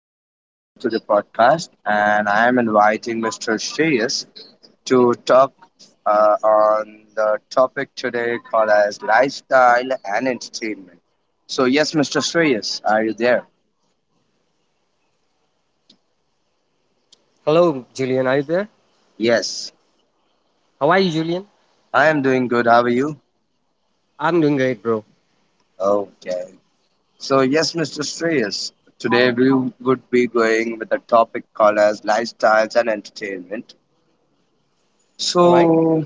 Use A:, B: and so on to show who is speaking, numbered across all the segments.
A: and welcome to the podcast. And I am inviting Mr. Shreyas to talk on the topic today called as lifestyle and entertainment. So, yes, Mr. Shreyas, are you there?
B: Hello, Julian. Are you there?
A: Yes,
B: How are you, Julian?
A: I am doing good. How are you?
B: I'm doing great, bro.
A: Okay. So, yes, Mr. Shreyas, today we would be going with a topic called as lifestyles and entertainment.
B: All right.
A: So,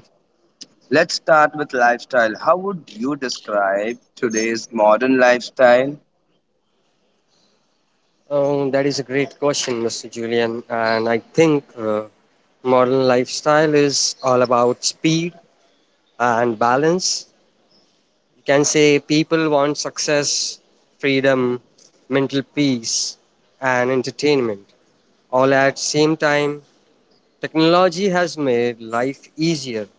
A: let's start with lifestyle. How would you describe today's modern lifestyle?
B: That is a great question, Mr. Julian. And I think modern lifestyle is all about speed and balance. You can say people want success, freedom, mental peace, and entertainment. All at same time, technology has made life easier,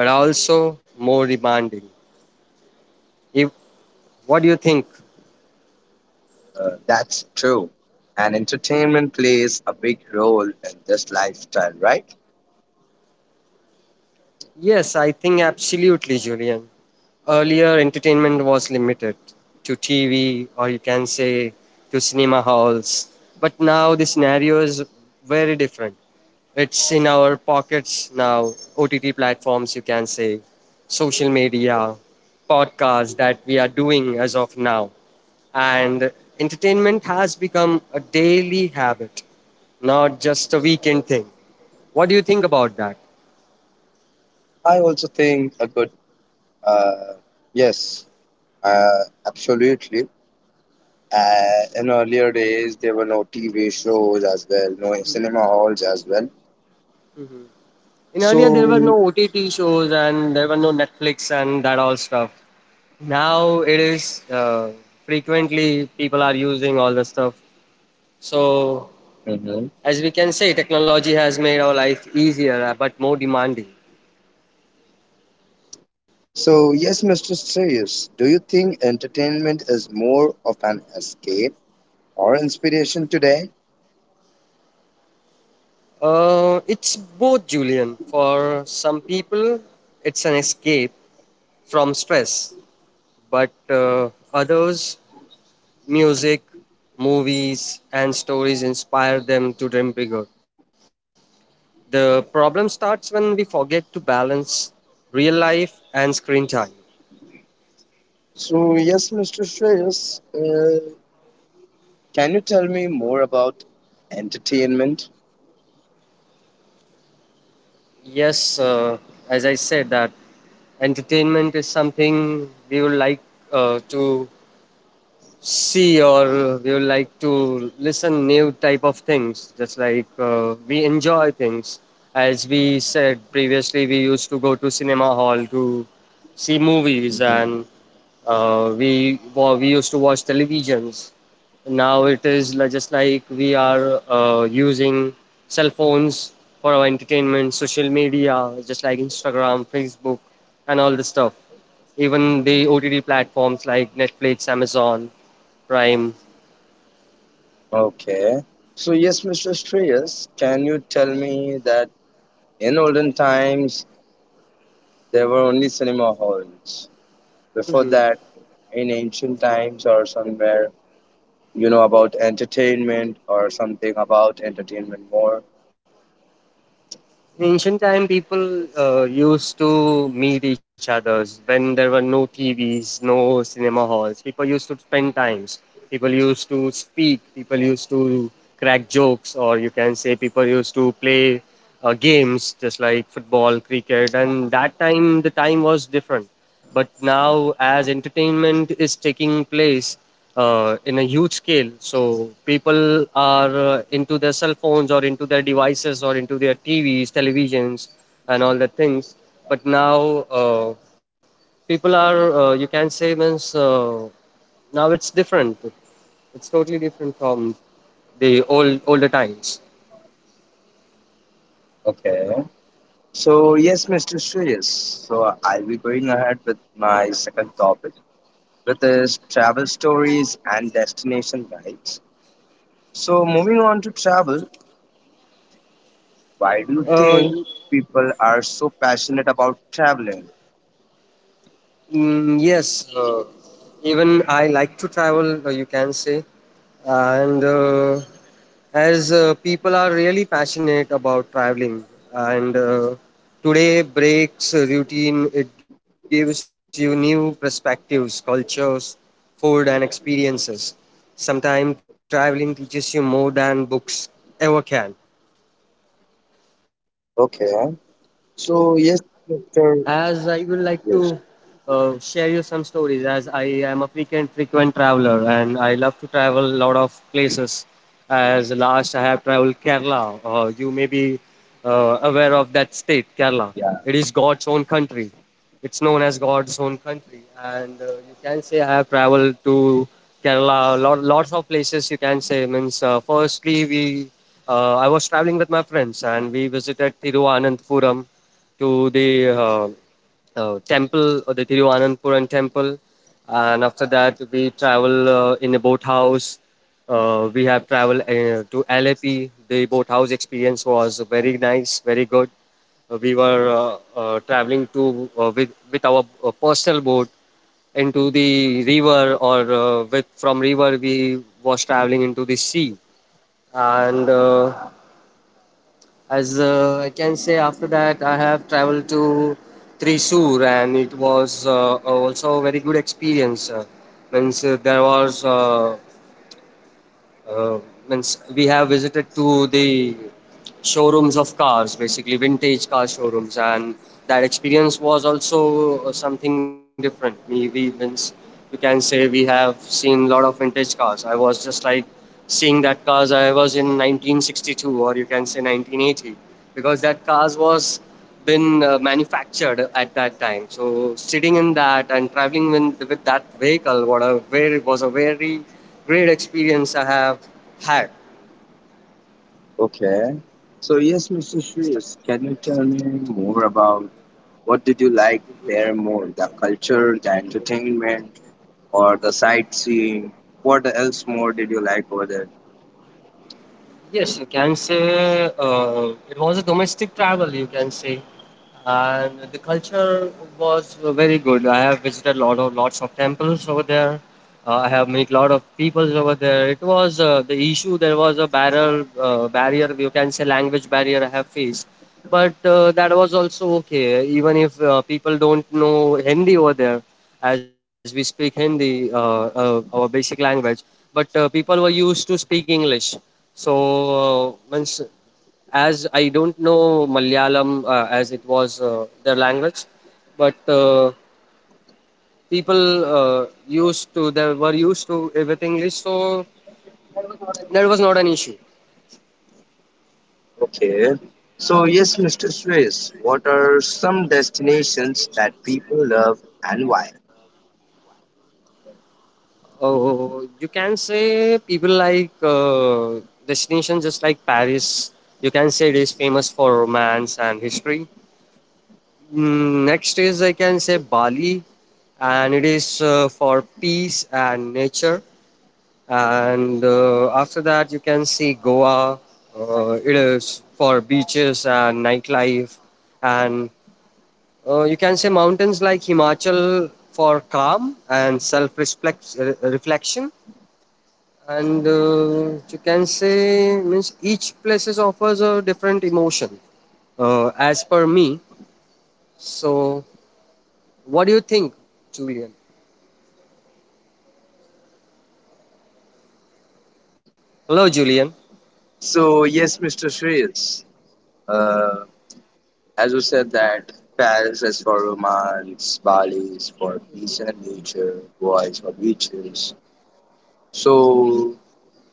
B: but also more demanding. If, what do you think?
A: That's true. And entertainment plays a big role in this lifestyle, right?
B: Yes, I think absolutely, Julian. Earlier, entertainment was limited to TV, or you can say to cinema halls. But now the scenario is very different. It's in our pockets now, OTT platforms, you can say, social media, podcasts that we are doing as of now. And entertainment has become a daily habit, not just a weekend thing. What do you think about that?
A: I also think a good, uh, yes, absolutely. In earlier days, there were no TV shows as well, no cinema halls as well.
B: In earlier, there were no
A: So,
B: OTT shows and there were no Netflix and that all stuff. Now it is frequently people are using all the stuff. So
A: mhm.
B: as we can say, technology has made our life easier but more demanding.
A: So yes, Mr. Sirius, do you think entertainment is more of an escape or inspiration today?
B: It's both, Julian. For some people, it's an escape from stress, but others, music, movies, and stories inspire them to dream bigger. The problem starts when we forget to balance real life and screen time.
A: So, yes, Mr. Shreyas, can you tell me more about entertainment?
B: Yes, as I said, that entertainment is something we would like to see, or we would like to listen new type of things just like we enjoy things. As we said previously, we used to go to cinema hall to see movies,
A: Mhm.
B: and we used to watch televisions. Now it is just like we are using cell phones for our entertainment, social media, just like Instagram, Facebook, and all the stuff, even the OTT platforms like Netflix, Amazon Prime.
A: Okay. So, yes, Mr. Shreyas, can you tell me that in olden times there were only cinema halls? Before
B: Mhm.
A: that, in ancient times or somewhere, you know about entertainment or something about entertainment more?
B: In ancient time, people used to meet each others when there were no TVs, no cinema halls. People used to spend times. People used to speak. People used to crack jokes, or you can say people used to play games, just like football, cricket. And that time, the time was different. But now, as entertainment is taking place, in a huge scale. So people are into their cell phones, or into their devices, or into their TVs, televisions, and all the things. But now uh, people are, you can say, means now it's different. It's totally different from the older times.
A: Okay. So, yes, Mr. Shreyas, so I'll be going ahead with my second topic, with his travel stories and destination guides. So, moving on to travel, why do you
B: Uh,
A: think people are so passionate about traveling?
B: Mm, yes, even I like to travel, you can say. And as people are really passionate about traveling, and today breaks a routine, it gives you new perspectives, cultures, food, and experiences. Sometimes traveling teaches you more than books ever can.
A: Okay. So, yes, Mr.
B: As I would like
A: Yes.
B: to share you some stories, as I am a frequent traveler and I love to travel a lot of places. As last I have traveled Kerala, you may be aware of that state, Kerala.
A: Yeah.
B: It is God's own country. It's known as God's own country, and you can say I have traveled to Kerala. Lots of places you can say. Means firstly, we I was traveling with my friends and we visited Thiruvananthapuram to the temple, or the Tiruvananthapuram temple. And after that, we travel in a boathouse. We have traveled to LAP. The boathouse experience was very nice, very good. We were traveling to with our personal boat into the river, or with from river we was traveling into the sea, and as I can say after that I have traveled to Thrissur, and it was also a very good experience. Means there was uh, means We have visited to the showrooms of cars, basically vintage car showrooms, and that experience was also something different. We means You can say we have seen a lot of vintage cars. I was just like seeing that cars. I was in 1962, or you can say 1980, because that cars was been manufactured at that time. So sitting in that and traveling with that vehicle, what a very was a very great experience I have had.
A: Okay. So, yes, Mr. Shreyas, can you tell me more about what did you like there more? The culture, the entertainment, or the sightseeing? What else more did you like over there?
B: Yes, you can say it was a domestic travel, you can say. And the culture was very good. I have visited lots of temples over there. I have met lot of peoples over there. It was the issue. There was a barrier, you can say language barrier I have faced. But, that was also okay, even if, people don't know Hindi over there, as we speak Hindi, our basic language, but, people were used to speak English. So, uh, means as I don't know Malayalam, as it was, their language, but, people, they were used to it with English, so that was not an issue.
A: Okay. So, yes, Mr. Suresh, what are some destinations that people love and why?
B: Oh, you can say people like destination just like Paris. You can say it is famous for romance and history. Mm, next is I can say Bali, and it is for peace and nature. And after that, you can see Goa. It is for beaches and nightlife, and you can say mountains like Himachal for calm and self-reflection. And you can say means each places offers a different emotion, as per me. So what do you think, Julian? Hello, Julian.
A: So, yes, Mr. Suresh, uh, as you said that Paris is for romance, Bali is for peace and nature, Goa is for beaches. So,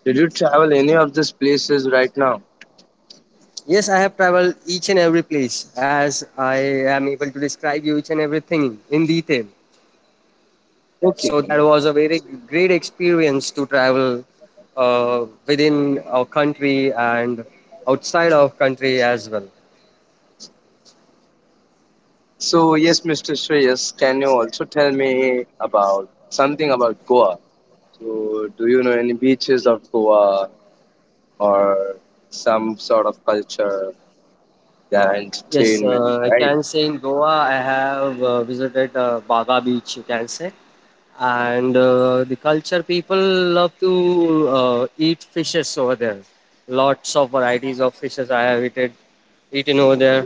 A: did you travel any of these places right now?
B: Yes, I have traveled each and every place, as I am able to describe you each and everything in detail.
A: Okay,
B: So that
A: then.
B: was a very great experience to travel within our country and outside of country as well.
A: So, yes, Mr. Shreyas, can you also tell me about something about Goa? So, do you know any beaches of Goa, or some sort of culture, their
B: Yes,
A: entertainment,
B: I
A: right?
B: can say in Goa, I have visited Baga Beach, you can say. And the culture, people love to eat fishes over there. Lots of varieties of fishes I have eaten over there.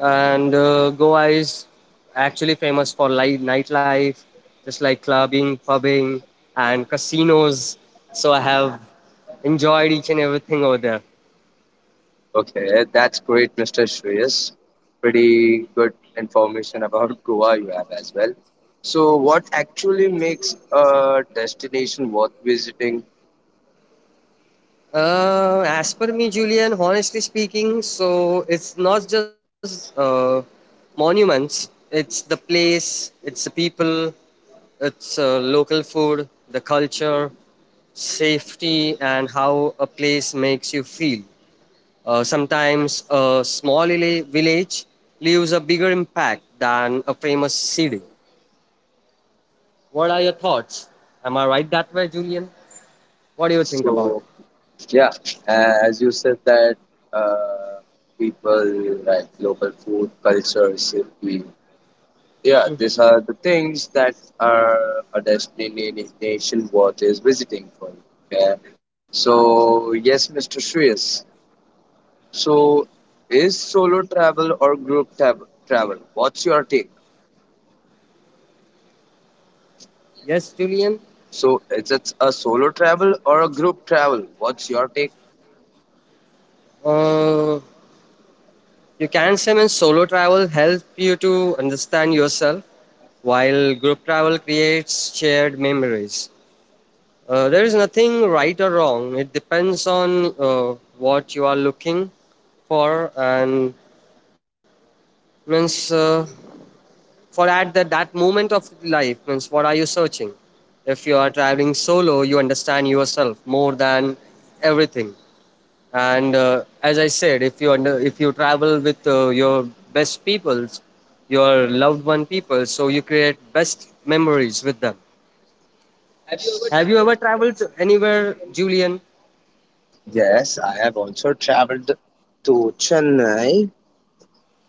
B: And Goa is actually famous for light nightlife, just like clubbing, pubbing, and casinos. So I have enjoyed each and everything over there.
A: Okay, that's great, Mr. Shreyas. Pretty good information about Goa you have as well. So, what actually makes a destination worth visiting?
B: As per me, Julian, honestly speaking, so it's not just monuments, it's the place, it's the people, it's local food, the culture, safety, and how a place makes you feel. Sometimes a small village leaves a bigger impact than a famous city. What are your thoughts? Am I right that way, Julian? What do you think
A: So,
B: about it?
A: yeah, as you said that uh, people like local food, culture, safety, yeah,
B: Mhm.
A: these are the things that are a destination nation worth is visiting for you. Yeah. So yes, Mr. Shreyas. So is solo travel or travel? What's your take?
B: Yes, Julian?
A: So is it a solo travel or a group travel? What's your take?
B: Uh, You can say means solo travel helps you to understand yourself, while group travel creates shared memories. There is nothing right or wrong. It depends on what you are looking for, and means for that moment of life means what are you searching? If you are traveling solo, you understand yourself more than everything. And as I said, if if you travel with your best peoples, your loved one people, so you create best memories with them.
A: Have you ever
B: Have you ever
A: traveled?
B: traveled anywhere, Julian?
A: Yes, I have also traveled to Chennai.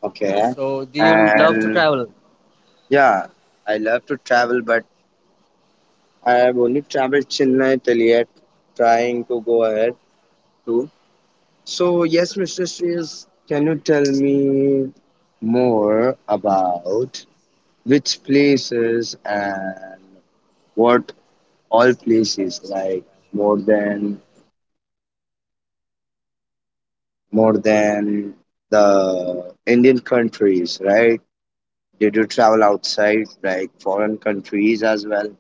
A: Okay.
B: So do you love to
A: And
B: travel?
A: yeah, I love to travel, but I have only traveled Chennai till yet, trying to go ahead too. So, yes, Mr. Shreyas, can you tell me more about which places and what all places like more than more than the Indian countries, right? Did you travel outside like foreign countries as well?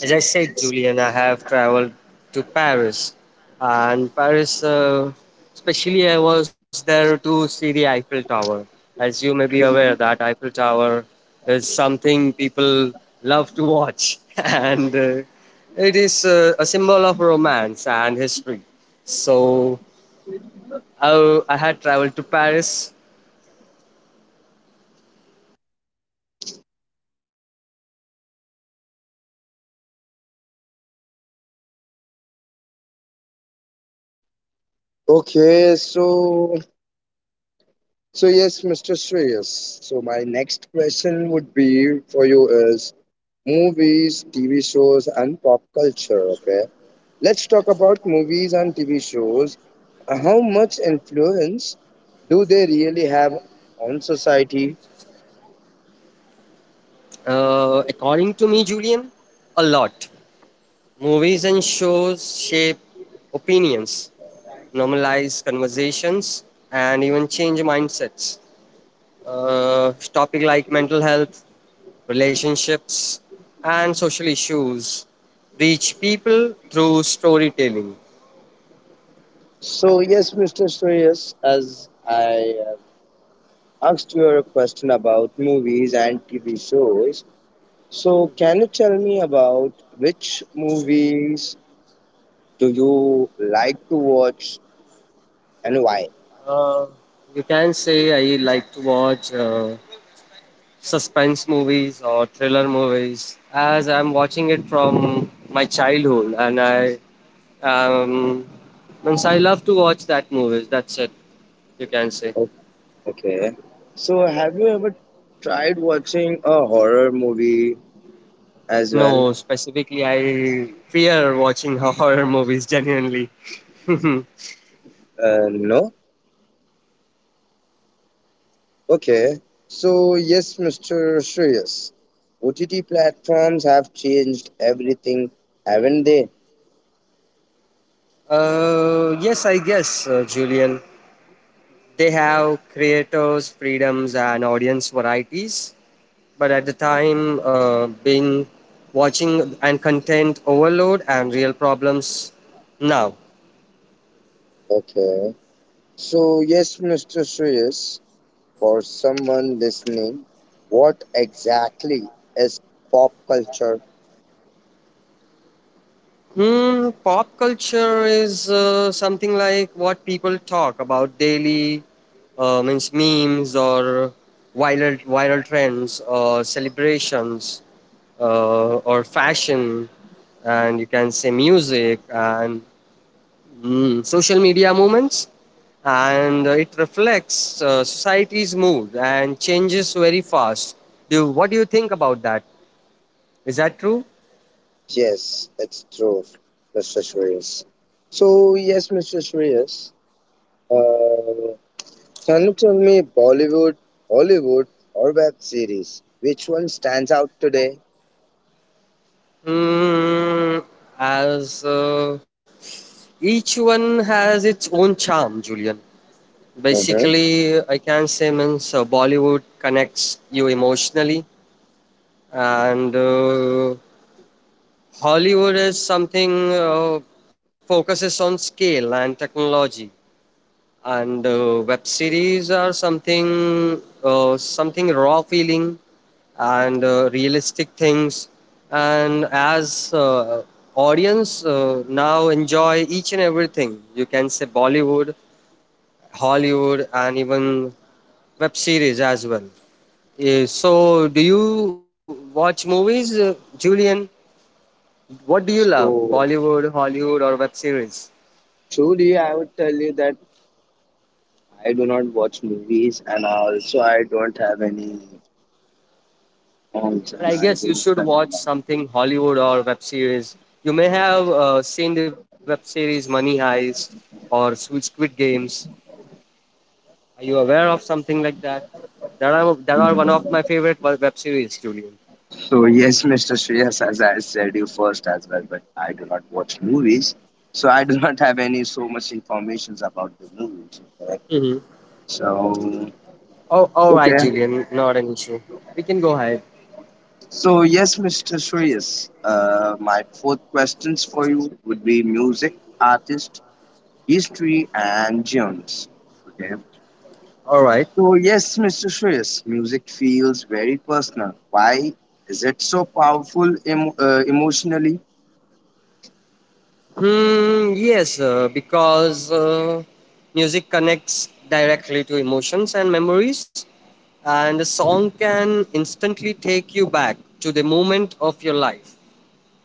B: As I said, Julian, I have traveled to Paris, and Paris, especially, I was there to see the Eiffel Tower. As you may be aware, that Eiffel Tower is something people love to watch, and it is a symbol of romance and history. So I had traveled to Paris.
A: Okay, so. So yes, Mr. Shreyas. So my next question would be for you is movies, TV shows, and pop culture. Okay, let's talk about movies and TV shows. How much influence do they really have on society?
B: According to me, Julian, a lot. Movies and shows shape opinions, normalize conversations, and even change mindsets. Topic like mental health, relationships, and social issues reach people through storytelling.
A: So yes, Mr. Shreyas, as I asked you a question about movies and TV shows. So can you tell me about which movies do you like to watch and why?
B: Uh, you can say I like to watch suspense movies or thriller movies, as I'm watching it from my childhood, and I Um, means I love to watch that movies. That's it. You can say
A: O- Okay. So, have you ever tried watching a horror movie as well?
B: no. Specifically, I fear watching horror movies. Genuinely.
A: No? Okay. So, yes, Mr. Shreyas, OTT platforms have changed everything, haven't they?
B: Yes, I guess Julian. They have creators' freedoms and audience varieties, but at the time, being watching and content overload and real problems now.
A: Okay. So, yes, Mr. Shreyas, for someone listening, what exactly is pop culture?
B: Hmm, pop culture is something like what people talk about daily, means memes, or viral trends, or celebrations, or fashion, and you can say music, and mm, social media movements, and it reflects society's mood and changes very fast. Do What do you think about that? Is that true?
A: Yes, it's true, Mr. Shreyas. So, yes, Mr. Shreyas. Uh, Can you tell me Bollywood, Hollywood, or web series? Which one stands out today?
B: Mm, as each one has its own charm, Julian.
A: Mhm.
B: Basically, I can say means Bollywood connects you emotionally, and Hollywood is something focuses on scale and technology, and web series are something something raw feeling, and realistic things. And as audience now enjoy each and everything. You can say Bollywood, Hollywood, and even web series as well. Yeah, so do you watch movies, Julian? What do you love,
A: So
B: Bollywood, Hollywood, or web series?
A: truly, I would tell you that I do not watch movies, and also I don't have any accounts,
B: But
A: and
B: I
A: I
B: guess you
A: do
B: should watch something Hollywood or web series. You may have seen the web series Money Heist or Sweet Squid Games. Are you aware of something like that? That are one of
A: film.
B: my favorite web series, Julian.
A: So yes, Mr. Shreyas, as I said you first as well, but I do not watch movies, so I do not have any so much informations about the movies. Okay?
B: Hmm.
A: So
B: Oh, all right,
A: okay,
B: Julian. Not an issue. We can go ahead.
A: so yes, Mr. Shreyas, my fourth questions for you would be music, artist, history, and genres. Okay.
B: All right.
A: So yes, Mr. Shreyas, music feels very personal. Why is it so powerful emotionally?
B: Yes, because music connects directly to emotions and memories, and a song can instantly take you back to the moment of your life,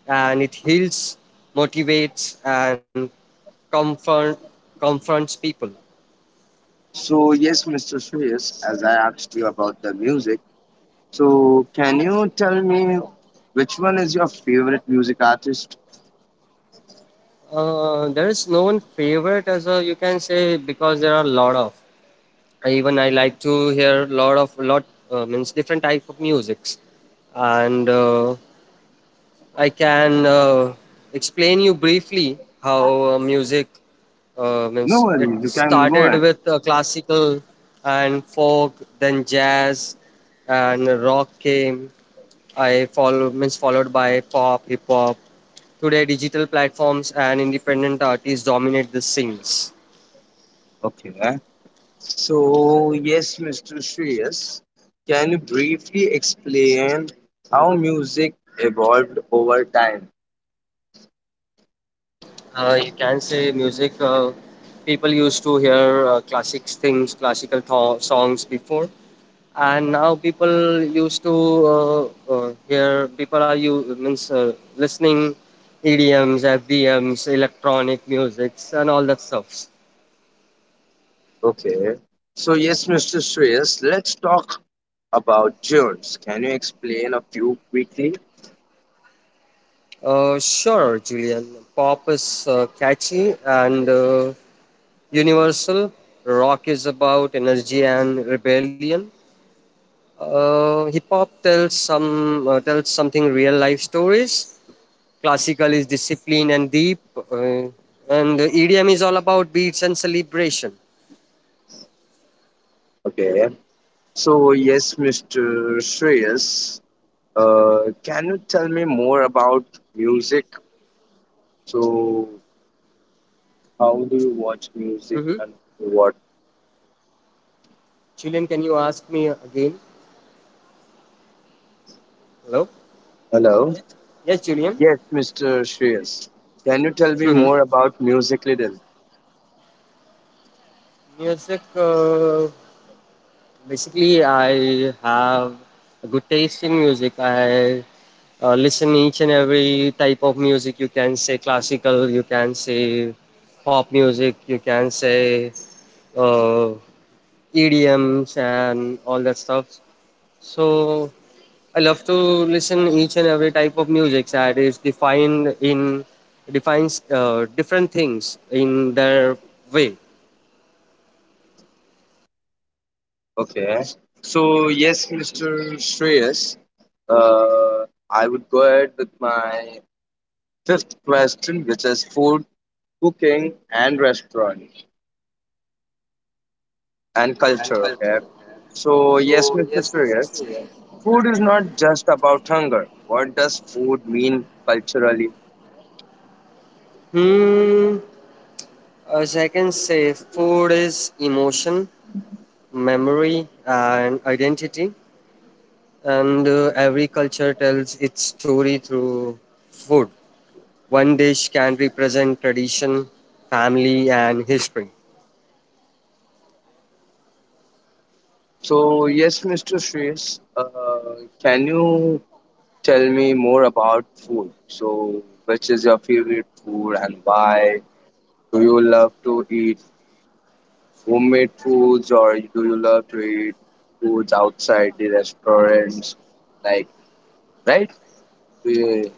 B: and it heals, motivates, and comfort confronts people.
A: So yes, Mr. Shreyas, as I asked you about the music, so can you tell me which one is your favorite music artist?
B: There is no one favorite as a you can say because there are a lot of. Even I like to hear lot of lot means different type of musics, and I can explain you briefly how music
A: No
B: means it
A: worries, you can go
B: started
A: ahead.
B: with classical and folk, then jazz and rock came. I follow means followed by pop, hip hop. Today, digital platforms and independent artists dominate the scenes.
A: Okay. So, yes, Mr. Shreyas, can you briefly explain how music evolved over time?
B: You can say music. People used to hear classic things, songs before, and now people used to hear. People are you means listening EDMs, FDMs, electronic musics, and all that stuff.
A: Okay. So, yes, Mr. Shreyas, let's talk about tunes. Can you explain a few quickly?
B: Sure, Julian. Pop is catchy and universal. Rock is about energy and rebellion. Hip hop tells something real life stories. Classical is discipline and deep, and EDM is all about beats and celebration.
A: Okay. So, yes, Mr. Shreyas, can you tell me more about music? So, how do you watch music
B: Mm-hmm.
A: and what?
B: Julian, can you ask me again? Hello.
A: Hello.
B: Yes, Julian.
A: Yes, Mr. Shreyas. Can you tell me
B: Mm-hmm.
A: more about music little?
B: Music. Basically, I have a good taste in music. I listen each and every type of music. You can say classical, you can say pop music, you can say uh, EDMs and all that stuff. So I love to listen each and every type of music that is defined in defines different things in their way.
A: Okay. So yes, Mr. Shreyas, I would go ahead with my fifth question, which is food, cooking, and restaurant and
B: And
A: culture. Okay.
B: culture.
A: So yes,
B: So
A: Mr.
B: yes, no for
A: Shreyas,
B: sure.
A: food is not just about hunger. What does food mean culturally?
B: Hmm. As I can say, food is emotion, memory, and identity. And every culture tells its story through food. One dish can represent tradition, family, and history.
A: So yes, Mr. Shreyas, can you tell me more about food. So, which is your favorite food and why? Do you love to eat homemade foods or do you love to eat foods outside the restaurants? Like, right? Uh,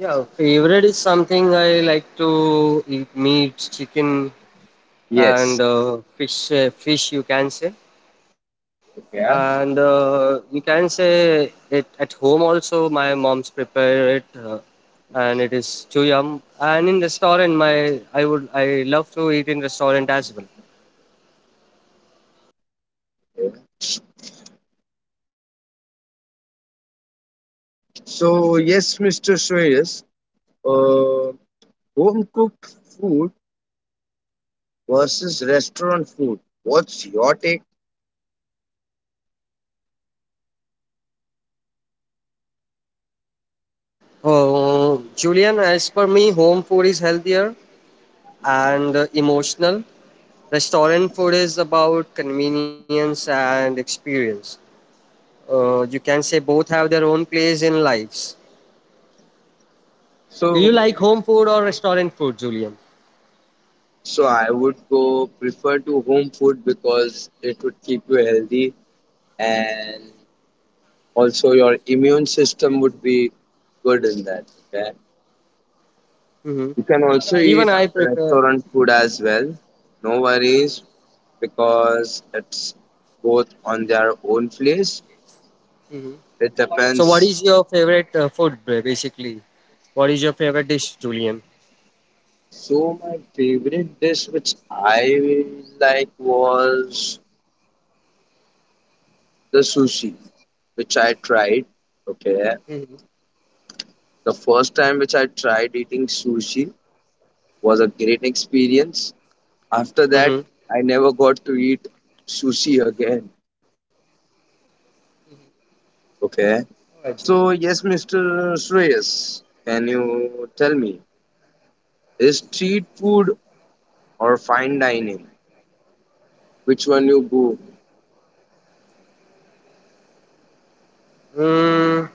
B: Yeah, favorite is something I like to eat meat, chicken, and
A: yes.
B: fish. Fish, you can say.
A: Yeah.
B: And you can say it at home also. My mom's prepare it, and it is too yum. And in restaurant, my I would I love to eat in restaurant as well.
A: Yeah. So, yes, Mr. Shreyas, uh, home cooked food versus restaurant food. What's your take?
B: Oh, Julian, as per me, home food is healthier and emotional. Restaurant food is about convenience and experience. You can say both have their own place in lives. Do you
A: So,
B: like home food or restaurant food, Julian?
A: so I would go prefer to home food because it would keep you healthy and also your immune system would be good in that. Okay,
B: Hmm.
A: you can also
B: Even
A: eat
B: I prefer.
A: restaurant food as well. No worries, because it's both on their own place. It
B: So, what
A: depends.
B: is your favorite food, basically? What is your favorite dish, Julian?
A: So my favorite dish, which I like, was the sushi, which I tried. Okay,
B: Mm-hmm.
A: the first time which I tried eating sushi was a great experience. After that,
B: Mm-hmm. All
A: I never got to eat sushi again. Okay.
B: right, Julian.
A: So, yes, Mr. Shreyas, can you tell me, is street food or fine dining? Which one you go?
B: Mm,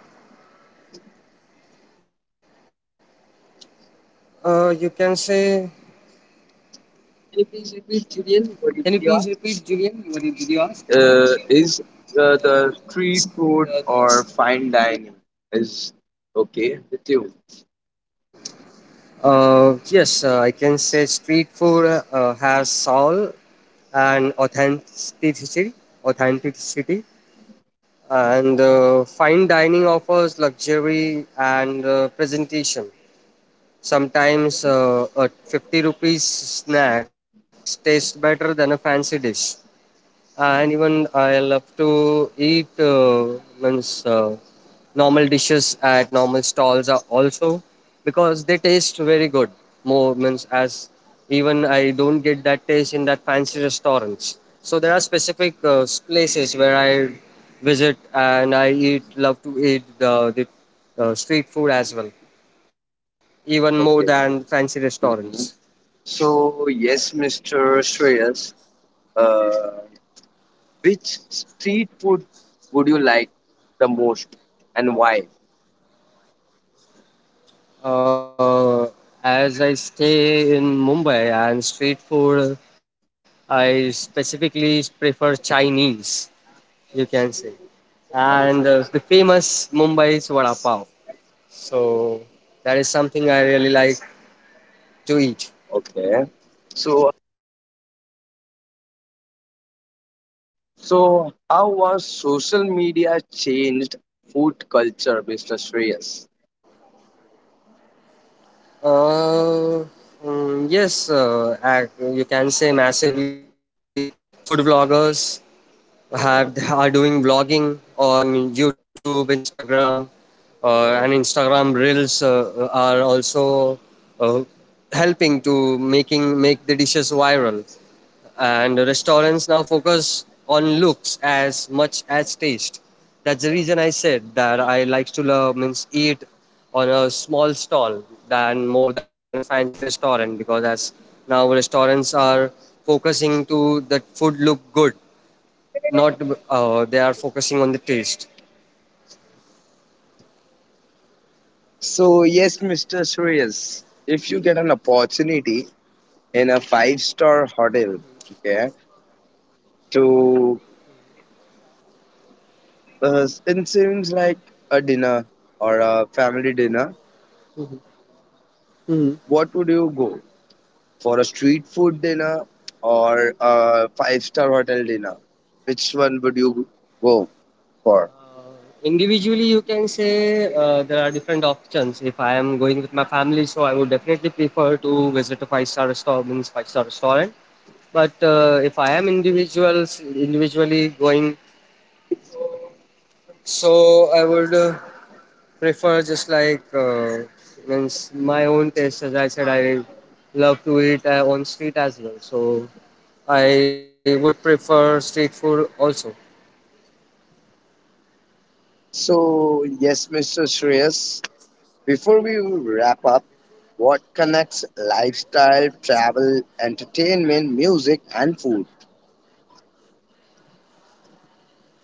B: you can say.
A: Can you please repeat,
B: Can you please
A: Julian, what did
B: repeat,
A: you ask?
B: Julian? What did you ask?
A: Is the street
B: Uh,
A: food
B: the-
A: or fine dining is okay with you?
B: yes, I can say street food has soul and authenticity, and fine dining offers luxury and presentation. Sometimes a 50 rupees snack tastes better than a fancy dish. And even I love to eat means normal dishes at normal stalls are also because they taste very good. More means as even I don't get that taste in that fancy restaurants. So there are specific places where I visit and I eat love to eat the street food as well even more
A: Okay.
B: than fancy
A: Hmm.
B: restaurants.
A: So, yes, Mr. Shreyas. Uh, Which street food would you like the most and why?
B: Uh, as I stay in Mumbai and street food, I specifically prefer Chinese, you can say. And the famous Mumbai's vada pav. So that is something I really like to eat.
A: Okay. So so how was social media changed food culture, Mr. Shreyas?
B: Uh, yes, you can say massively food vloggers have are doing vlogging on YouTube, Instagram, and Instagram Reels are also uh, helping to making make the dishes viral. And restaurants now focus on looks as much as taste. That's the reason I said that I like to love means eat on a small stall than more than a fancy restaurant because as now restaurants are focusing to that food look good not they are focusing on the taste.
A: So yes, Mr. Shreyas, if you get an opportunity in a five-star hotel, okay, to it seems like a dinner or a family dinner, what would you go? For a street food dinner or a five-star hotel dinner? Which one would you go for?
B: Individually you can say there are different options. If I am going with my family, so I would definitely prefer to visit a five-star restaurant means five-star restaurant. But if I am individuals individually going, so I would prefer just like means my own taste. As I said, I love to eat on street as well, so I would prefer street food also.
A: So, yes, Mr. Shreyas, before we wrap up, what connects lifestyle, travel, entertainment, music, and food?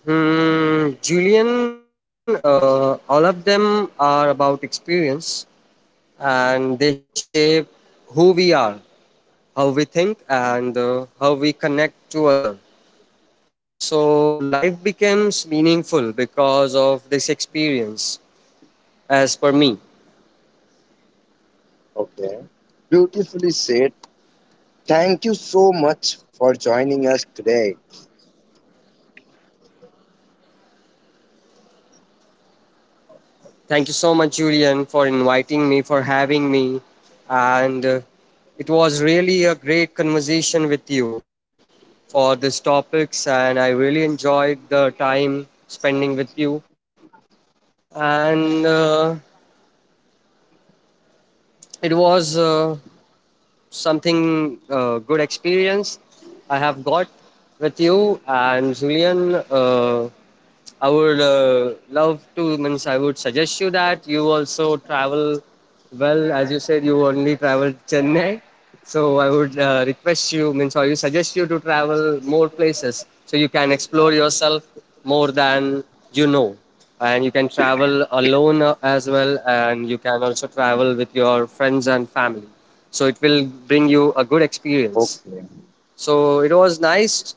B: Julian, all of them are about experience and they shape who we are, how we think, and how we connect to other. So life becomes meaningful because of this experience, as per me.
A: Okay. Beautifully said. Thank you so much for joining us today.
B: Thank you so much, Julian, for inviting me, for having me. And it was really a great conversation with you for these topics. And I really enjoyed the time spending with you. And it was something good experience I have got with you and Julian. I would love to, means I would suggest you that you also travel well. As you said, you only travel Chennai. So I would request you, means I would suggest you to travel more places so you can explore yourself more than you know. And you can travel alone as well, and you can also travel with your friends and family. So it will bring you a good experience.
A: Okay.
B: So it was nice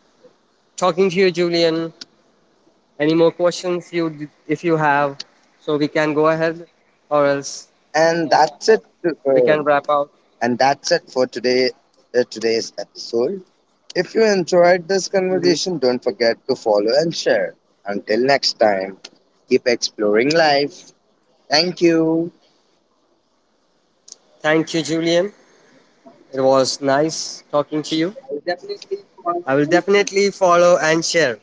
B: talking to you, Julian. Any more questions if you have, so we can go ahead, or else
A: And that's it.
B: we
A: Uh,
B: can wrap up.
A: and that's it for today. Today's episode. If you enjoyed this conversation, don't forget to follow and share. Until next time, keep exploring life. Thank you.
B: Thank you, Julian. It was nice talking to you. I will definitely follow and share.